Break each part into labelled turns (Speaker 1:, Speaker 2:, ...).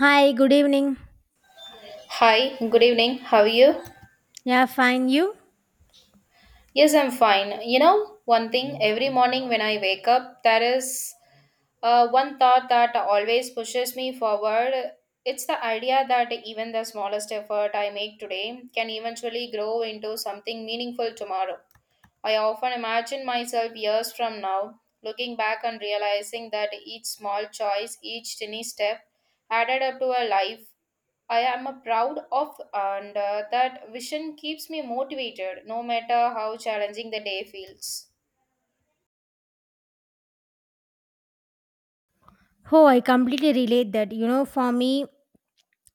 Speaker 1: Hi, good evening.
Speaker 2: Hi, good evening. How are you?
Speaker 1: Yeah, fine. You?
Speaker 2: Yes, I'm fine. You know, one thing every morning when I wake up, there is one thought that always pushes me forward. It's the idea that even the smallest effort I make today can eventually grow into something meaningful tomorrow. I often imagine myself years from now, looking back and realizing that each small choice, each tiny step added up to a life I am a proud of, and that vision keeps me motivated no matter how challenging the day feels.
Speaker 1: Oh, I completely relate that. You know, for me,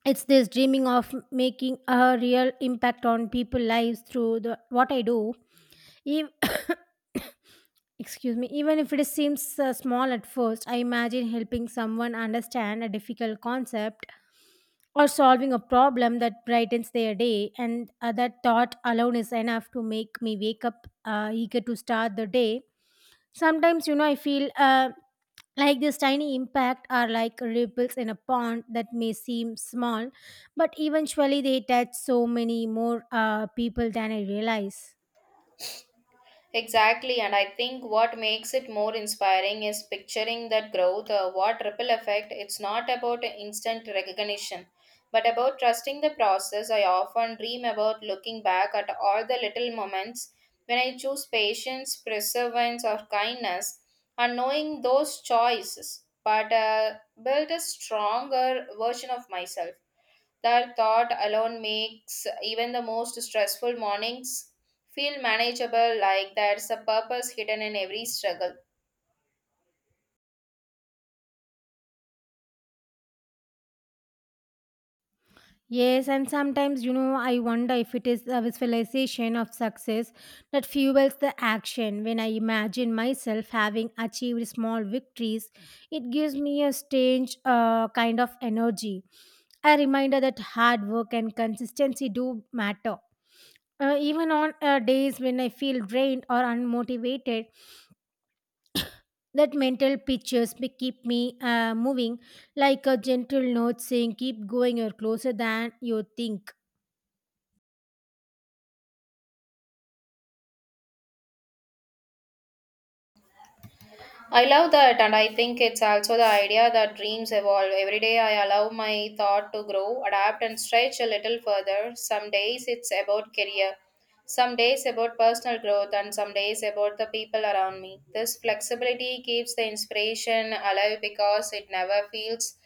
Speaker 1: it's this dreaming of making a real impact on people' lives through the what I do. Ev- Excuse me. Even if it seems small at first, I imagine helping someone understand a difficult concept or solving a problem that brightens their day, and that thought alone is enough to make me wake up eager to start the day. Sometimes, you know, I feel. Like this tiny impact are like ripples in a pond that may seem small, but eventually they touch so many more people than I realize.
Speaker 2: Exactly, and I think what makes it more inspiring is picturing that growth, what ripple effect. It's not about instant recognition, but about trusting the process. I often dream about looking back at all the little moments when I choose patience, perseverance, or kindness, and knowing those choices, but build a stronger version of myself. That thought alone makes even the most stressful mornings feel manageable, like there's a purpose hidden in every struggle.
Speaker 1: Yes, and sometimes you know I wonder if it is the visualization of success that fuels the action. When I imagine myself having achieved small victories, it gives me a strange kind of energy, a reminder that hard work and consistency do matter. Even on days when I feel drained or unmotivated, that mental pictures may keep me moving, like a gentle note saying, "Keep going, you're closer than you think."
Speaker 2: I love that, and I think it's also the idea that dreams evolve. Every day, I allow my thought to grow, adapt, and stretch a little further. Some days it's about career, some days about personal growth, and some days about the people around me. This flexibility keeps the inspiration alive because it never feels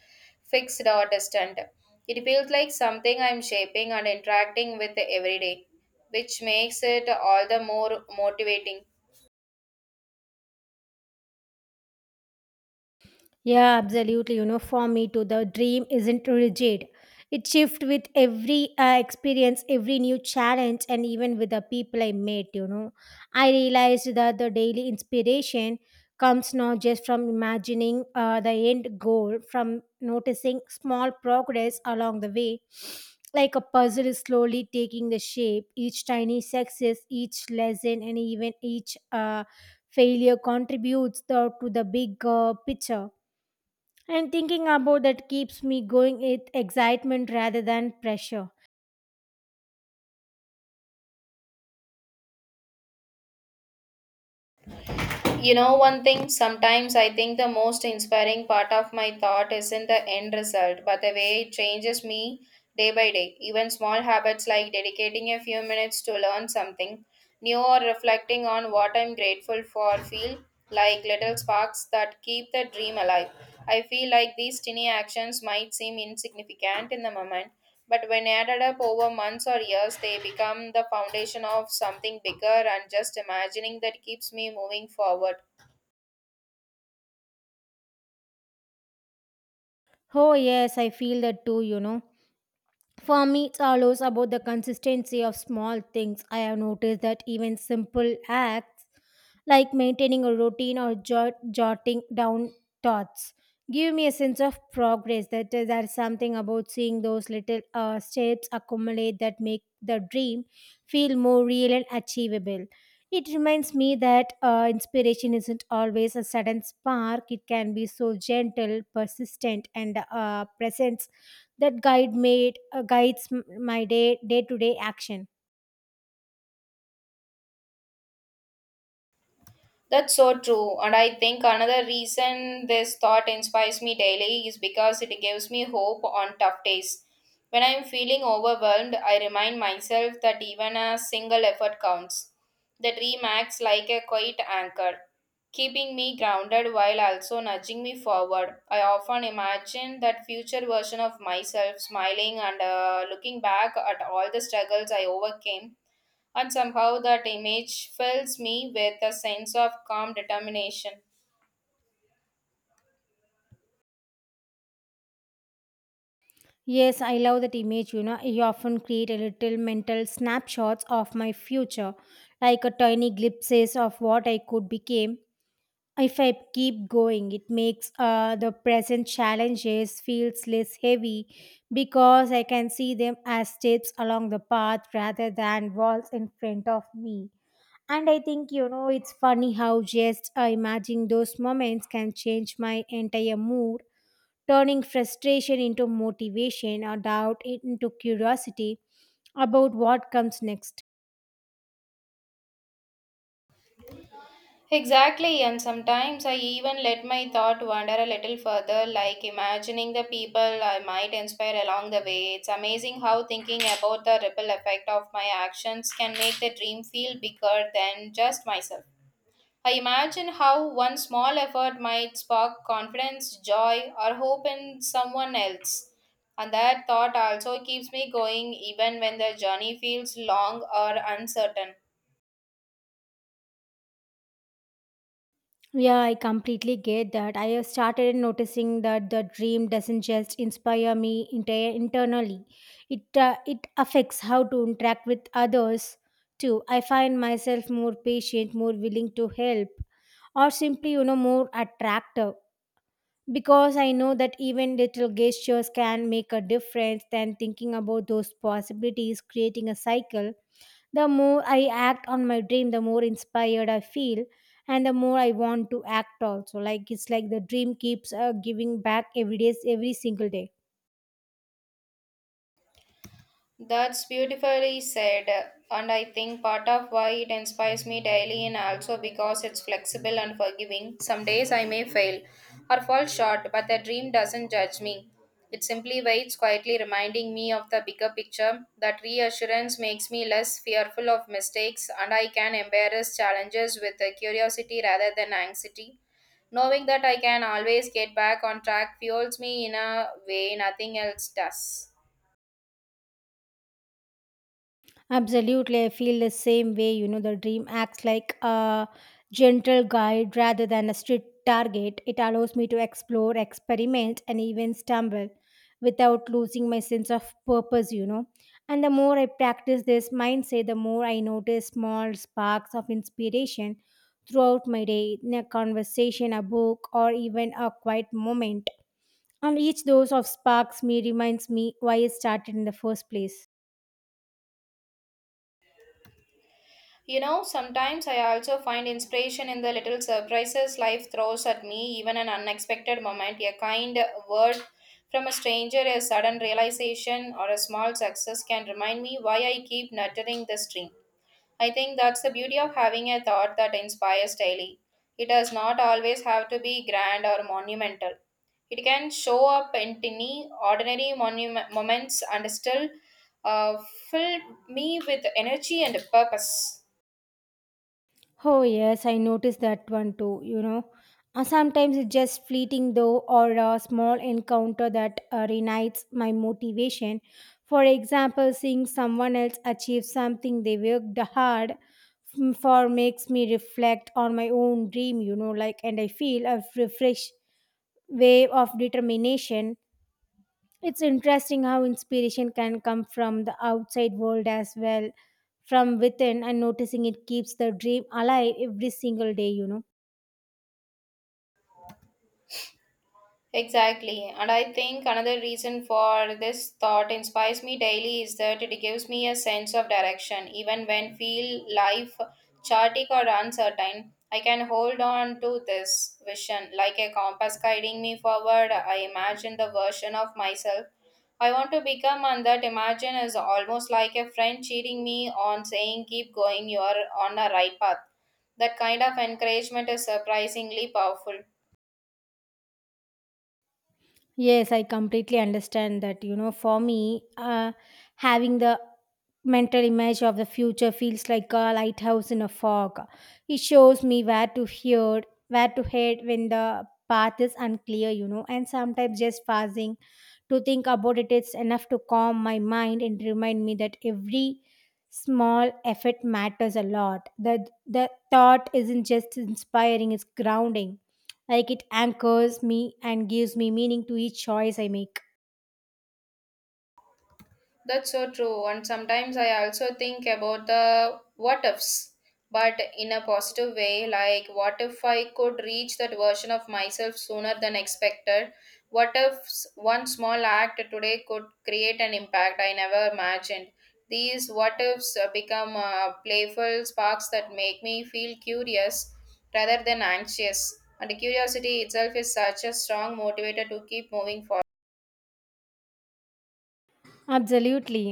Speaker 2: fixed or distant. It feels like something I'm shaping and interacting with every day, which makes it all the more motivating.
Speaker 1: Yeah, absolutely. You know, for me too, the dream isn't rigid. It shifts with every experience, every new challenge, and even with the people I met. You know, I realized that the daily inspiration comes not just from imagining the end goal, from noticing small progress along the way, like a puzzle is slowly taking the shape. Each tiny success, each lesson, and even each failure contributes to the big picture, and thinking about that keeps me going with excitement rather than pressure.
Speaker 2: You know, one thing, sometimes I think the most inspiring part of my thought isn't the end result, but the way it changes me day by day. Even small habits like dedicating a few minutes to learn something new or reflecting on what I'm grateful for feel like little sparks that keep the dream alive. I feel like these tiny actions might seem insignificant in the moment but when added up over months or years, they become the foundation of something bigger, and just imagining that keeps me moving forward.
Speaker 1: Oh, yes, I feel that too, you know. For me, it's always about the consistency of small things. I have noticed that even simple acts like maintaining a routine or jotting down thoughts give me a sense of progress. That is, there's something about seeing those little steps accumulate that make the dream feel more real and achievable. It reminds me that inspiration isn't always a sudden spark. It can be so gentle, persistent, and present that guide made guides m- my day to day action.
Speaker 2: That's so true. And I think another reason this thought inspires me daily is because it gives me hope on tough days. When I'm feeling overwhelmed, I remind myself that even a single effort counts. The dream acts like a quiet anchor, keeping me grounded while also nudging me forward. I often imagine that future version of myself smiling and looking back at all the struggles I overcame and somehow that image fills me with a sense of calm determination.
Speaker 1: Yes, I love that image. You know, I often create a little mental snapshots of my future, like a tiny glimpses of what I could become if I keep going. It makes the present challenges feels less heavy because I can see them as steps along the path rather than walls in front of me. And I think, you know, it's funny how just imagining those moments can change my entire mood, turning frustration into motivation or doubt into curiosity about what comes next.
Speaker 2: Exactly, and sometimes I even let my thought wander a little further, like imagining the people I might inspire along the way. It's amazing how thinking about the ripple effect of my actions can make the dream feel bigger than just myself. I imagine how one small effort might spark confidence, joy, or hope in someone else. And that thought also keeps me going even when the journey feels long or uncertain.
Speaker 1: Yeah, I completely get that. I have started noticing that the dream doesn't just inspire me internally. It affects how to interact with others too. I find myself more patient, more willing to help, or simply you know more attractive because I know that even little gestures can make a difference, then thinking about those possibilities, creating a cycle. The more I act on my dream, the more inspired I feel, and the more I want to act also. Like it's like the dream keeps giving back every day, every single day.
Speaker 2: That's beautifully said, and I think part of why it inspires me daily and also because it's flexible and forgiving. Some days I may fail or fall short, but the dream doesn't judge me. It simply waits quietly, reminding me of the bigger picture. That reassurance makes me less fearful of mistakes, and I can embrace challenges with curiosity rather than anxiety. Knowing that I can always get back on track fuels me in a way nothing else does.
Speaker 1: Absolutely, I feel the same way. You know, the dream acts like a gentle guide rather than a strict target. It allows me to explore, experiment, and even stumble without losing my sense of purpose, you know. And the more I practice this mindset, the more I notice small sparks of inspiration throughout my day in a conversation, a book, or even a quiet moment. And each dose of sparks me reminds me why I started in the first place.
Speaker 2: You know, sometimes I also find inspiration in the little surprises life throws at me, even an unexpected moment, a kind word from a stranger, a sudden realization, or a small success can remind me why I keep nurturing this dream. I think that's the beauty of having a thought that inspires daily. It does not always have to be grand or monumental. It can show up in tiny, ordinary monument moments and still uh, fill me with energy and purpose.
Speaker 1: Oh, yes, I noticed that one too, you know. Sometimes it's just fleeting though, or a small encounter that reignites my motivation. For example, seeing someone else achieve something they worked hard for makes me reflect on my own dream, you know, like, and I feel a refreshed wave of determination. It's interesting how inspiration can come from the outside world as well from within, and noticing it keeps the dream alive every single day, you know.
Speaker 2: Exactly. And I think another reason for this thought inspires me daily is that it gives me a sense of direction. Even when feel life chaotic or uncertain, I can hold on to this vision like a compass guiding me forward. I imagine the version of myself I want to become and that imagine is almost like a friend cheering me on saying keep going you're on the right path. That kind of encouragement is surprisingly powerful.
Speaker 1: Yes, I completely understand that. You know, for me, having the mental image of the future feels like a lighthouse in a fog. It shows me where to hear, where to head when the path is unclear, you know, and sometimes just pausing to think about it is enough to calm my mind and remind me that every small effort matters a lot. That the thought isn't just inspiring, it's grounding. Like it anchors me and gives me meaning to each choice I make.
Speaker 2: That's so true. And sometimes I also think about the what ifs, but in a positive way, like what if I could reach that version of myself sooner than expected? What if s- One small act today could create an impact I never imagined? These what ifs become playful sparks that make me feel curious rather than anxious. And curiosity itself is such a strong motivator to keep moving forward.
Speaker 1: Absolutely.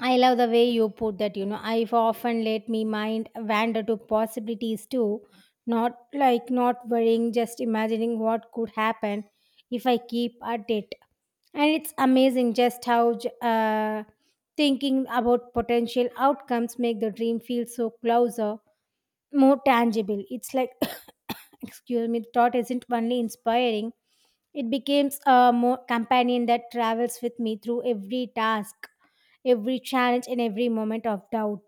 Speaker 1: I love the way you put that, you know. I've often let me mind wander to possibilities too, not like not worrying, just imagining what could happen if I keep at it. And it's amazing just how thinking about potential outcomes make the dream feel so closer, more tangible. It's like, excuse me, the thought isn't only inspiring, it becomes a more companion that travels with me through every task, every challenge, and every moment of doubt.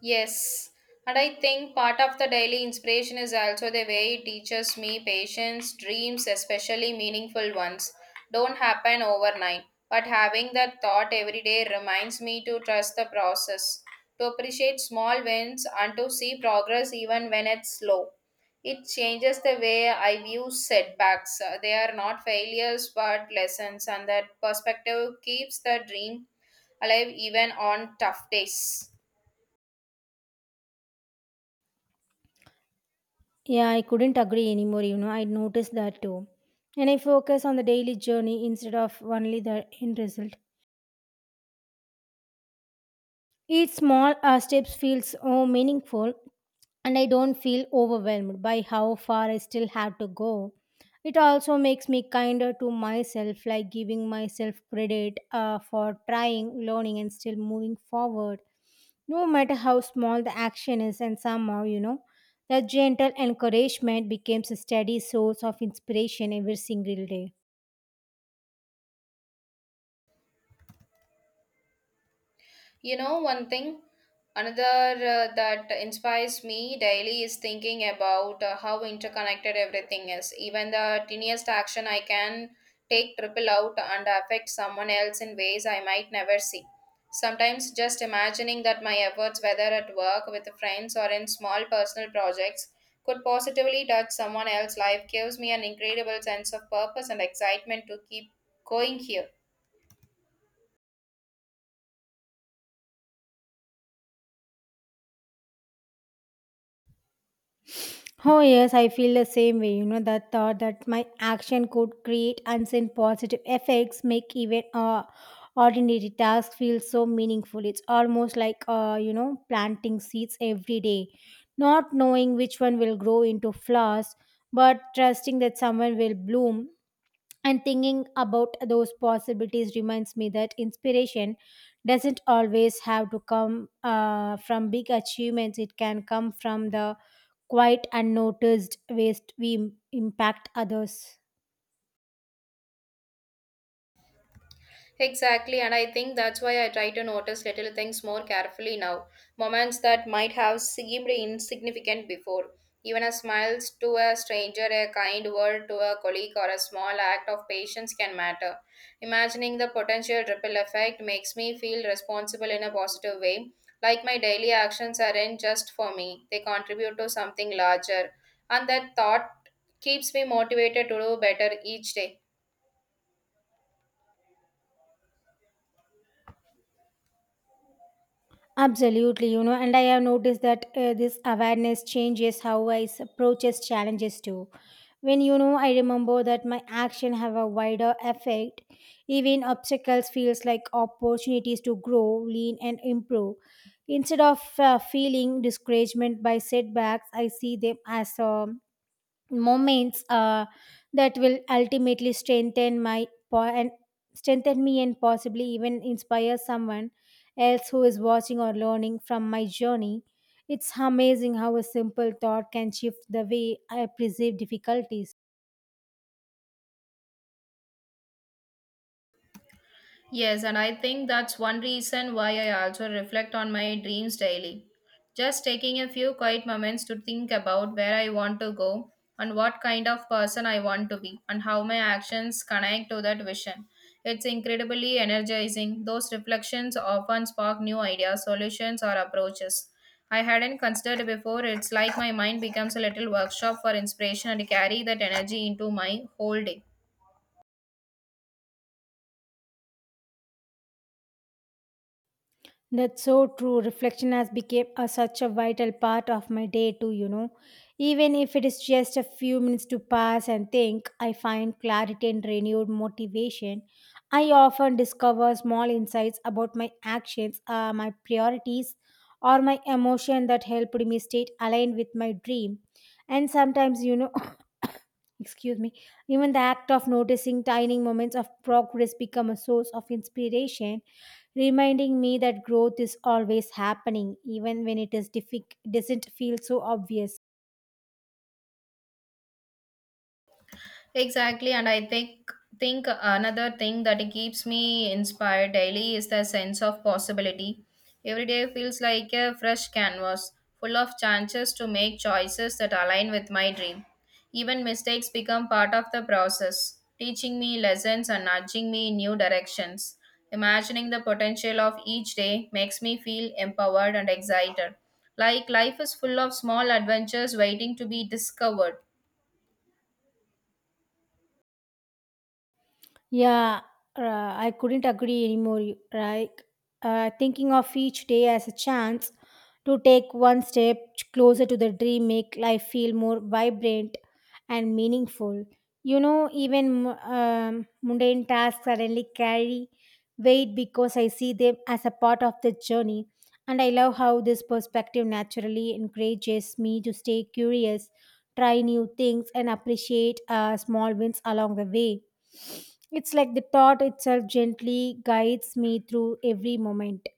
Speaker 2: Yes, and I think part of the daily inspiration is also the way it teaches me patience, dreams, especially meaningful ones, don't happen overnight. But having that thought every day reminds me to trust the process, to appreciate small wins, and to see progress even when it's slow. It changes the way I view setbacks. They are not failures but lessons, and that perspective keeps the dream alive even on tough days.
Speaker 1: Yeah, I couldn't agree anymore, you know, I noticed that too. And I focus on the daily journey instead of only the end result. Each small steps feels oh, meaningful, and I don't feel overwhelmed by how far I still have to go. It also makes me kinder to myself, like giving myself credit for trying, learning, and still moving forward, no matter how small the action is. And somehow, you know, that gentle encouragement becomes a steady source of inspiration every single day.
Speaker 2: You know, one thing, another that inspires me daily is thinking about how interconnected everything is. Even the tiniest action I can take triple out and affect someone else in ways I might never see. Sometimes just imagining that my efforts, whether at work, with friends, or in small personal projects, could positively touch someone else's life gives me an incredible sense of purpose and excitement to keep going here.
Speaker 1: Oh, yes, I feel the same way. You know, that thought that my action could create unseen positive effects make even ordinary tasks feel so meaningful. It's almost like, you know, planting seeds every day, not knowing which one will grow into flowers, but trusting that someone will bloom. And thinking about those possibilities reminds me that inspiration doesn't always have to come from big achievements, it can come from the quite unnoticed ways we impact others.
Speaker 2: Exactly, and I think that's why I try to notice little things more carefully now. Moments that might have seemed insignificant before. Even a smile to a stranger, a kind word to a colleague, or a small act of patience can matter. Imagining the potential ripple effect makes me feel responsible in a positive way. Like my daily actions aren't just for me, they contribute to something larger. And that thought keeps me motivated to do better each day.
Speaker 1: Absolutely, you know, and I have noticed that this awareness changes how I approaches challenges too. When you know, I remember that my action have a wider effect. Even obstacles feels like opportunities to grow, lean, and improve. Instead of feeling discouragement by setbacks, I see them as moments that will ultimately strengthen me and possibly even inspire someone else who is watching or learning from my journey. It's amazing how a simple thought can shift the way I perceive difficulties.
Speaker 2: Yes, and I think that's one reason why I also reflect on my dreams daily. Just taking a few quiet moments to think about where I want to go and what kind of person I want to be and how my actions connect to that vision. It's incredibly energizing. Those reflections often spark new ideas, solutions, or approaches. I hadn't considered before. It's like my mind becomes a little workshop for inspiration and I carry that energy into my whole day.
Speaker 1: That's so true. Reflection has become such a vital part of my day, too, you know. Even if it is just a few minutes to pass and think, I find clarity and renewed motivation. I often discover small insights about my actions, my priorities, or my emotion that helped me stay aligned with my dream. And sometimes, you know, excuse me, even the act of noticing tiny moments of progress become a source of inspiration, reminding me that growth is always happening, even when it doesn't feel so obvious.
Speaker 2: Exactly, and I think another thing that it keeps me inspired daily is the sense of possibility. Every day feels like a fresh canvas, full of chances to make choices that align with my dream. Even mistakes become part of the process, teaching me lessons and nudging me in new directions. Imagining the potential of each day makes me feel empowered and excited. Like life is full of small adventures waiting to be discovered.
Speaker 1: Yeah, I couldn't agree anymore. Like thinking of each day as a chance to take one step closer to the dream, make life feel more vibrant and meaningful. You know, even mundane tasks suddenly carry weight because I see them as a part of the journey. And I love how this perspective naturally encourages me to stay curious, try new things, and appreciate small wins along the way. It's like the thought itself gently guides me through every moment.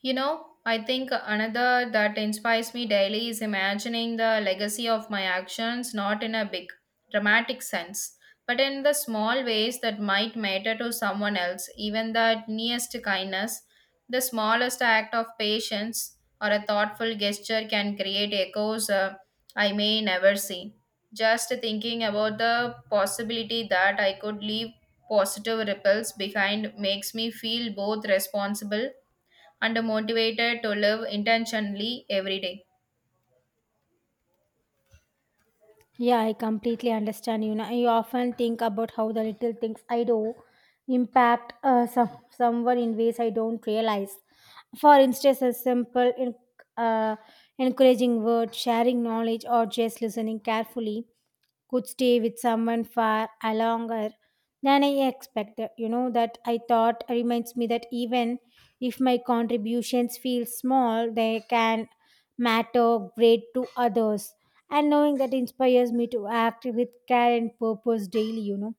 Speaker 2: You know, I think another that inspires me daily is imagining the legacy of my actions not in a big, dramatic sense, but in the small ways that might matter to someone else, even the nearest kindness, the smallest act of patience, or a thoughtful gesture can create echoes I may never see. Just thinking about the possibility that I could leave positive ripples behind makes me feel both responsible and motivated to live intentionally every day.
Speaker 1: Yeah, I completely understand. You know, I often think about how the little things I do impact someone in ways I don't realize. For instance, a simple uh, encouraging word, sharing knowledge, or just listening carefully could stay with someone far a longer than I expected. You know, that I thought reminds me that even if my contributions feel small, they can matter great to others, and knowing that inspires me to act with care and purpose daily, you know.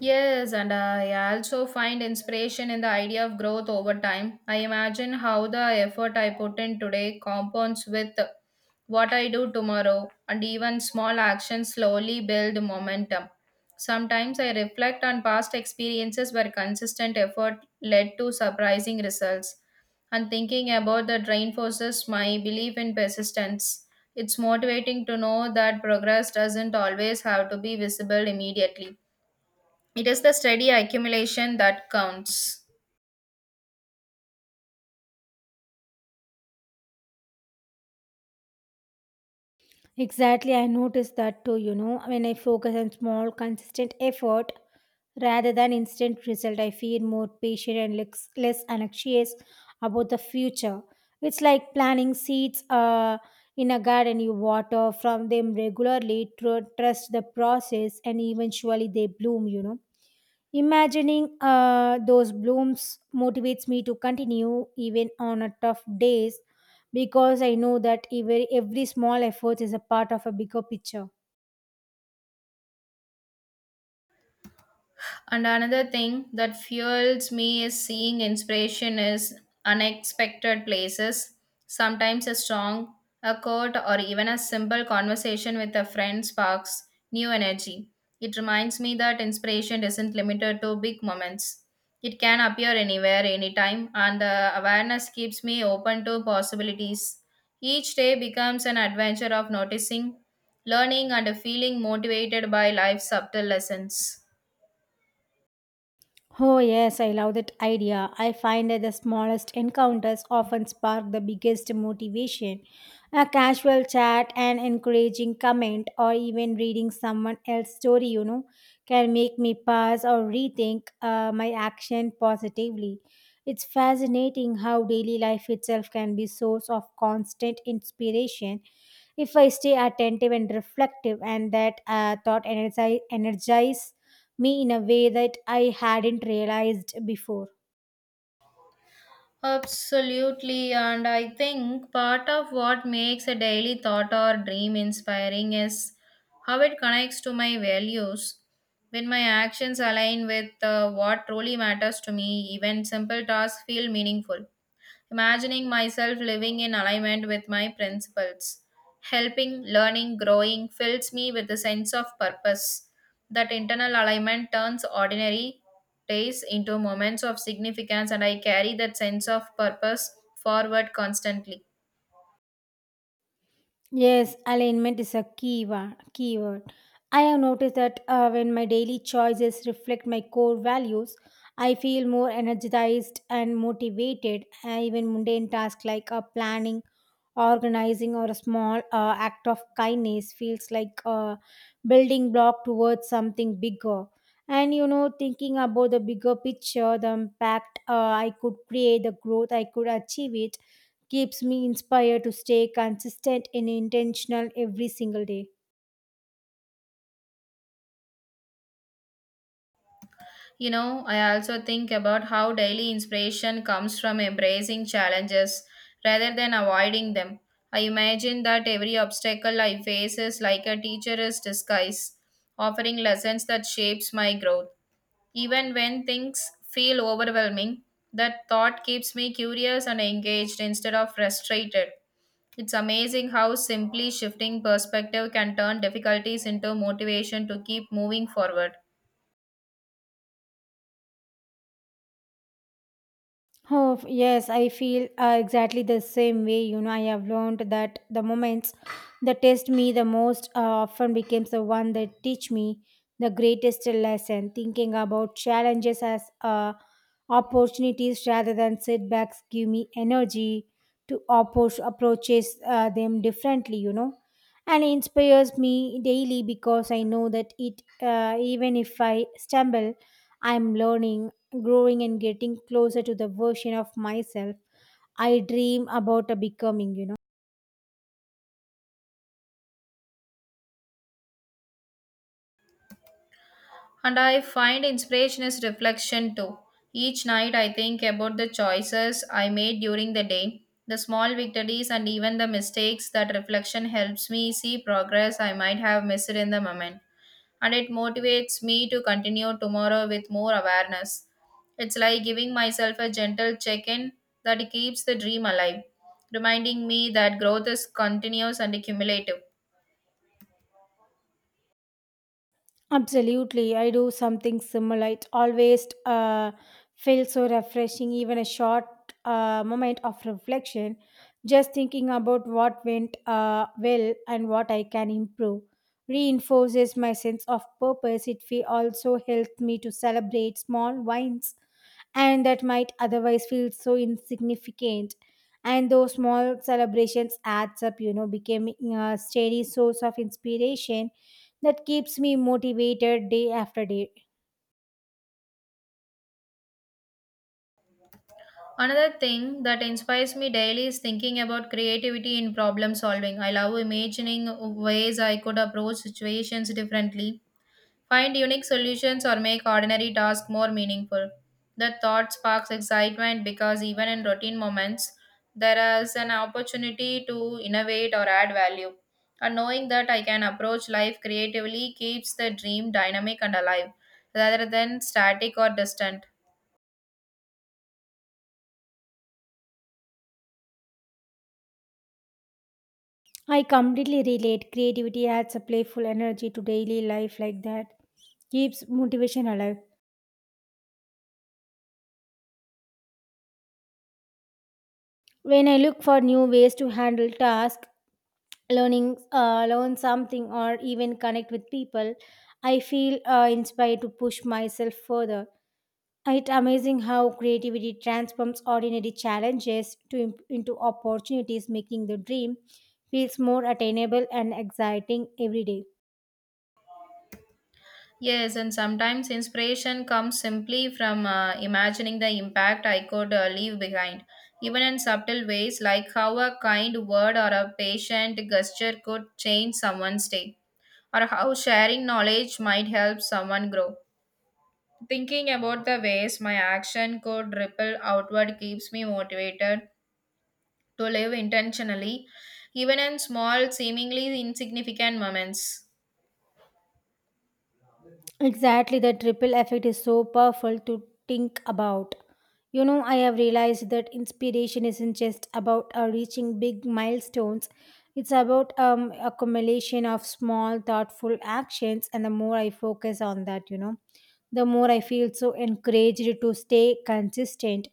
Speaker 2: Yes, and I also find inspiration in the idea of growth over time. I imagine how the effort I put in today compounds with what I do tomorrow, and even small actions slowly build momentum. Sometimes I reflect on past experiences where consistent effort led to surprising results, and thinking about that reinforces my belief in persistence. It's motivating to know that progress doesn't always have to be visible immediately. It is the steady accumulation that counts.
Speaker 1: Exactly, I noticed that too, you know. When I focus on small consistent effort rather than instant result, I feel more patient and less anxious about the future. It's like planting seeds in a garden, you water from them regularly, trust the process, and eventually they bloom, you know. Imagining those blooms motivates me to continue even on a tough days, because I know that every small effort is a part of a bigger picture.
Speaker 2: And another thing that fuels me is seeing inspiration is unexpected places. Sometimes a song, a quote, or even a simple conversation with a friend sparks new energy. It reminds me that inspiration isn't limited to big moments. It can appear anywhere, anytime, and the awareness keeps me open to possibilities. Each day becomes an adventure of noticing, learning, and feeling motivated by life's subtle lessons.
Speaker 1: Oh, yes, I love that idea. I find that the smallest encounters often spark the biggest motivation. A casual chat, an encouraging comment, or even reading someone else's story, can make me pause or rethink my action positively. It's fascinating how daily life itself can be source of constant inspiration if I stay attentive and reflective, and that thought energize me in a way that I hadn't realized before.
Speaker 2: Absolutely, and I think part of what makes a daily thought or dream inspiring is how it connects to my values. When my actions align with what truly matters to me, even simple tasks feel meaningful imagining myself living in alignment with my principles. Helping, learning, growing fills me with a sense of purpose. That internal alignment turns ordinary days into moments of significance, and I carry that sense of purpose forward constantly.
Speaker 1: Yes, alignment is a keyword. I have noticed that when my daily choices reflect my core values, I feel more energized and motivated. Even mundane tasks like planning organizing or a small act of kindness feels like a building block towards something bigger, and thinking about the bigger picture, the impact I could create, the growth I could achieve it keeps me inspired to stay consistent and intentional every single day.
Speaker 2: You know, I also think about how daily inspiration comes from embracing challenges rather than avoiding them. I imagine that every obstacle I face is like a teacher's disguise, offering lessons that shapes my growth. Even when things feel overwhelming, that thought keeps me curious and engaged instead of frustrated. It's amazing how simply shifting perspective can turn difficulties into motivation to keep moving forward.
Speaker 1: Oh, yes, I feel exactly the same way. You know, I have learned that the moments that test me the most often becomes the one that teach me the greatest lesson. Thinking about challenges as opportunities rather than setbacks give me energy to approach approaches them differently, and inspires me daily because I know that it, even if I stumble, I'm learning, growing, and getting closer to the version of myself I dream about a becoming.
Speaker 2: And I find inspiration is reflection too. Each night I think about the choices I made during the day, the small victories, and even the mistakes. That reflection helps me see progress I might have missed in the moment. And it motivates me to continue tomorrow with more awareness. It's like giving myself a gentle check in that keeps the dream alive, reminding me that growth is continuous and cumulative.
Speaker 1: Absolutely, I do something similar. It always feels so refreshing, even a short moment of reflection, just thinking about what went well and what I can improve. Reinforces my sense of purpose. Also helps me to celebrate small wins and that might otherwise feel so insignificant. And those small celebrations adds up, becoming a steady source of inspiration that keeps me motivated day after day.
Speaker 2: Another thing that inspires me daily is thinking about creativity in problem solving. I love imagining ways I could approach situations differently, find unique solutions, or make ordinary tasks more meaningful. The thought sparks excitement because even in routine moments, there is an opportunity to innovate or add value. And knowing that I can approach life creatively keeps the dream dynamic and alive rather than static or distant.
Speaker 1: I completely relate. Creativity adds a playful energy to daily life like that. Keeps motivation alive. When I look for new ways to handle tasks, learn something, or even connect with people, I feel inspired to push myself further. It's amazing how creativity transforms ordinary into opportunities, making the dream feels more attainable and exciting every day.
Speaker 2: Yes, and sometimes inspiration comes simply from imagining the impact I could leave behind, even in subtle ways, like how a kind word or a patient gesture could change someone's day, or how sharing knowledge might help someone grow. Thinking about the ways my action could ripple outward keeps me motivated to live intentionally, even in small, seemingly insignificant moments.
Speaker 1: Exactly, the triple effect is so powerful to think about. You know, I have realized that inspiration isn't just about reaching big milestones. It's about accumulation of small, thoughtful actions, and the more I focus on that, the more I feel so encouraged to stay consistent,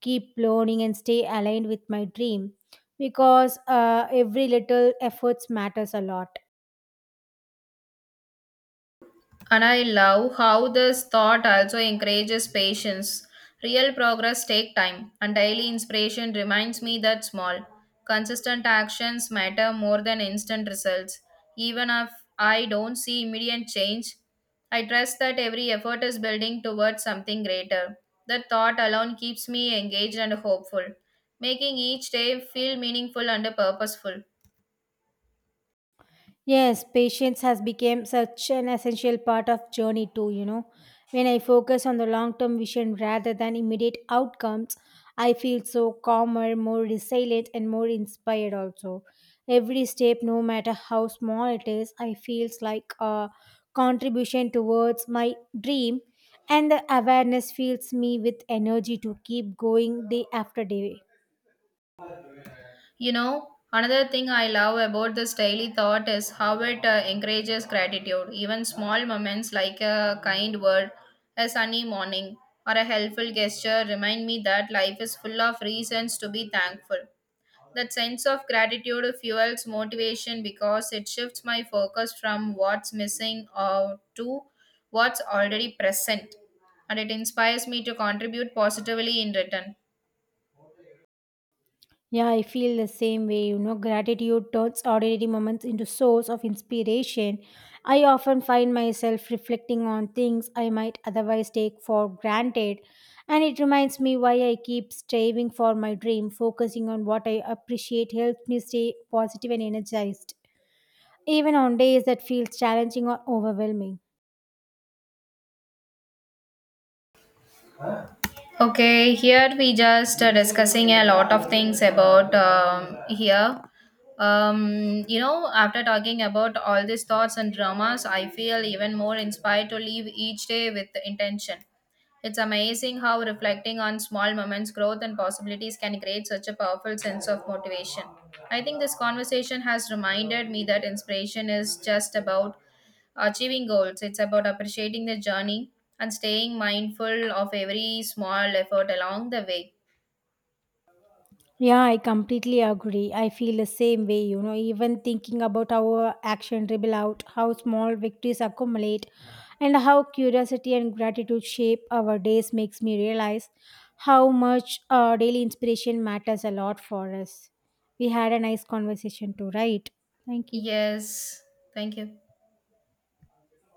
Speaker 1: keep learning, and stay aligned with my dream. Because every little efforts matters a lot.
Speaker 2: And I love how this thought also encourages patience. Real progress take time, and daily inspiration reminds me that small, consistent actions matter more than instant results. Even if I don't see immediate change, I trust that every effort is building towards something greater. That thought alone keeps me engaged and hopeful, making each day feel meaningful and purposeful.
Speaker 1: Yes, patience has become such an essential part of journey too, you know. When I focus on the long-term vision rather than immediate outcomes, I feel so calmer, more resilient, and more inspired also. Every step, no matter how small it is, I feels like a contribution towards my dream, and the awareness fills me with energy to keep going day after day.
Speaker 2: You know, another thing I love about this daily thought is how it encourages gratitude. Even small moments like a kind word, a sunny morning, or a helpful gesture remind me that life is full of reasons to be thankful. That sense of gratitude fuels motivation because it shifts my focus from what's missing or to what's already present, and it inspires me to contribute positively in return.
Speaker 1: Yeah, I feel the same way. You know, gratitude turns ordinary moments into source of inspiration. I often find myself reflecting on things I might otherwise take for granted, and it reminds me why I keep striving for my dream. Focusing on what I appreciate helps me stay positive and energized, even on days that feel challenging or overwhelming.
Speaker 2: Okay, here we just discussing a lot of things about here. After talking about all these thoughts and dramas, I feel even more inspired to live each day with intention. It's amazing how reflecting on small moments, growth, and possibilities can create such a powerful sense of motivation. I think this conversation has reminded me that inspiration is just about achieving goals. It's about appreciating the journey and staying mindful of every small effort along the way.
Speaker 1: Yeah, I completely agree. I feel the same way, you know, even thinking about our action ripple out, how small victories accumulate, and how curiosity and gratitude shape our days makes me realize how much daily inspiration matters a lot for us. We had a nice conversation too, right? Thank you.
Speaker 2: Yes, thank you.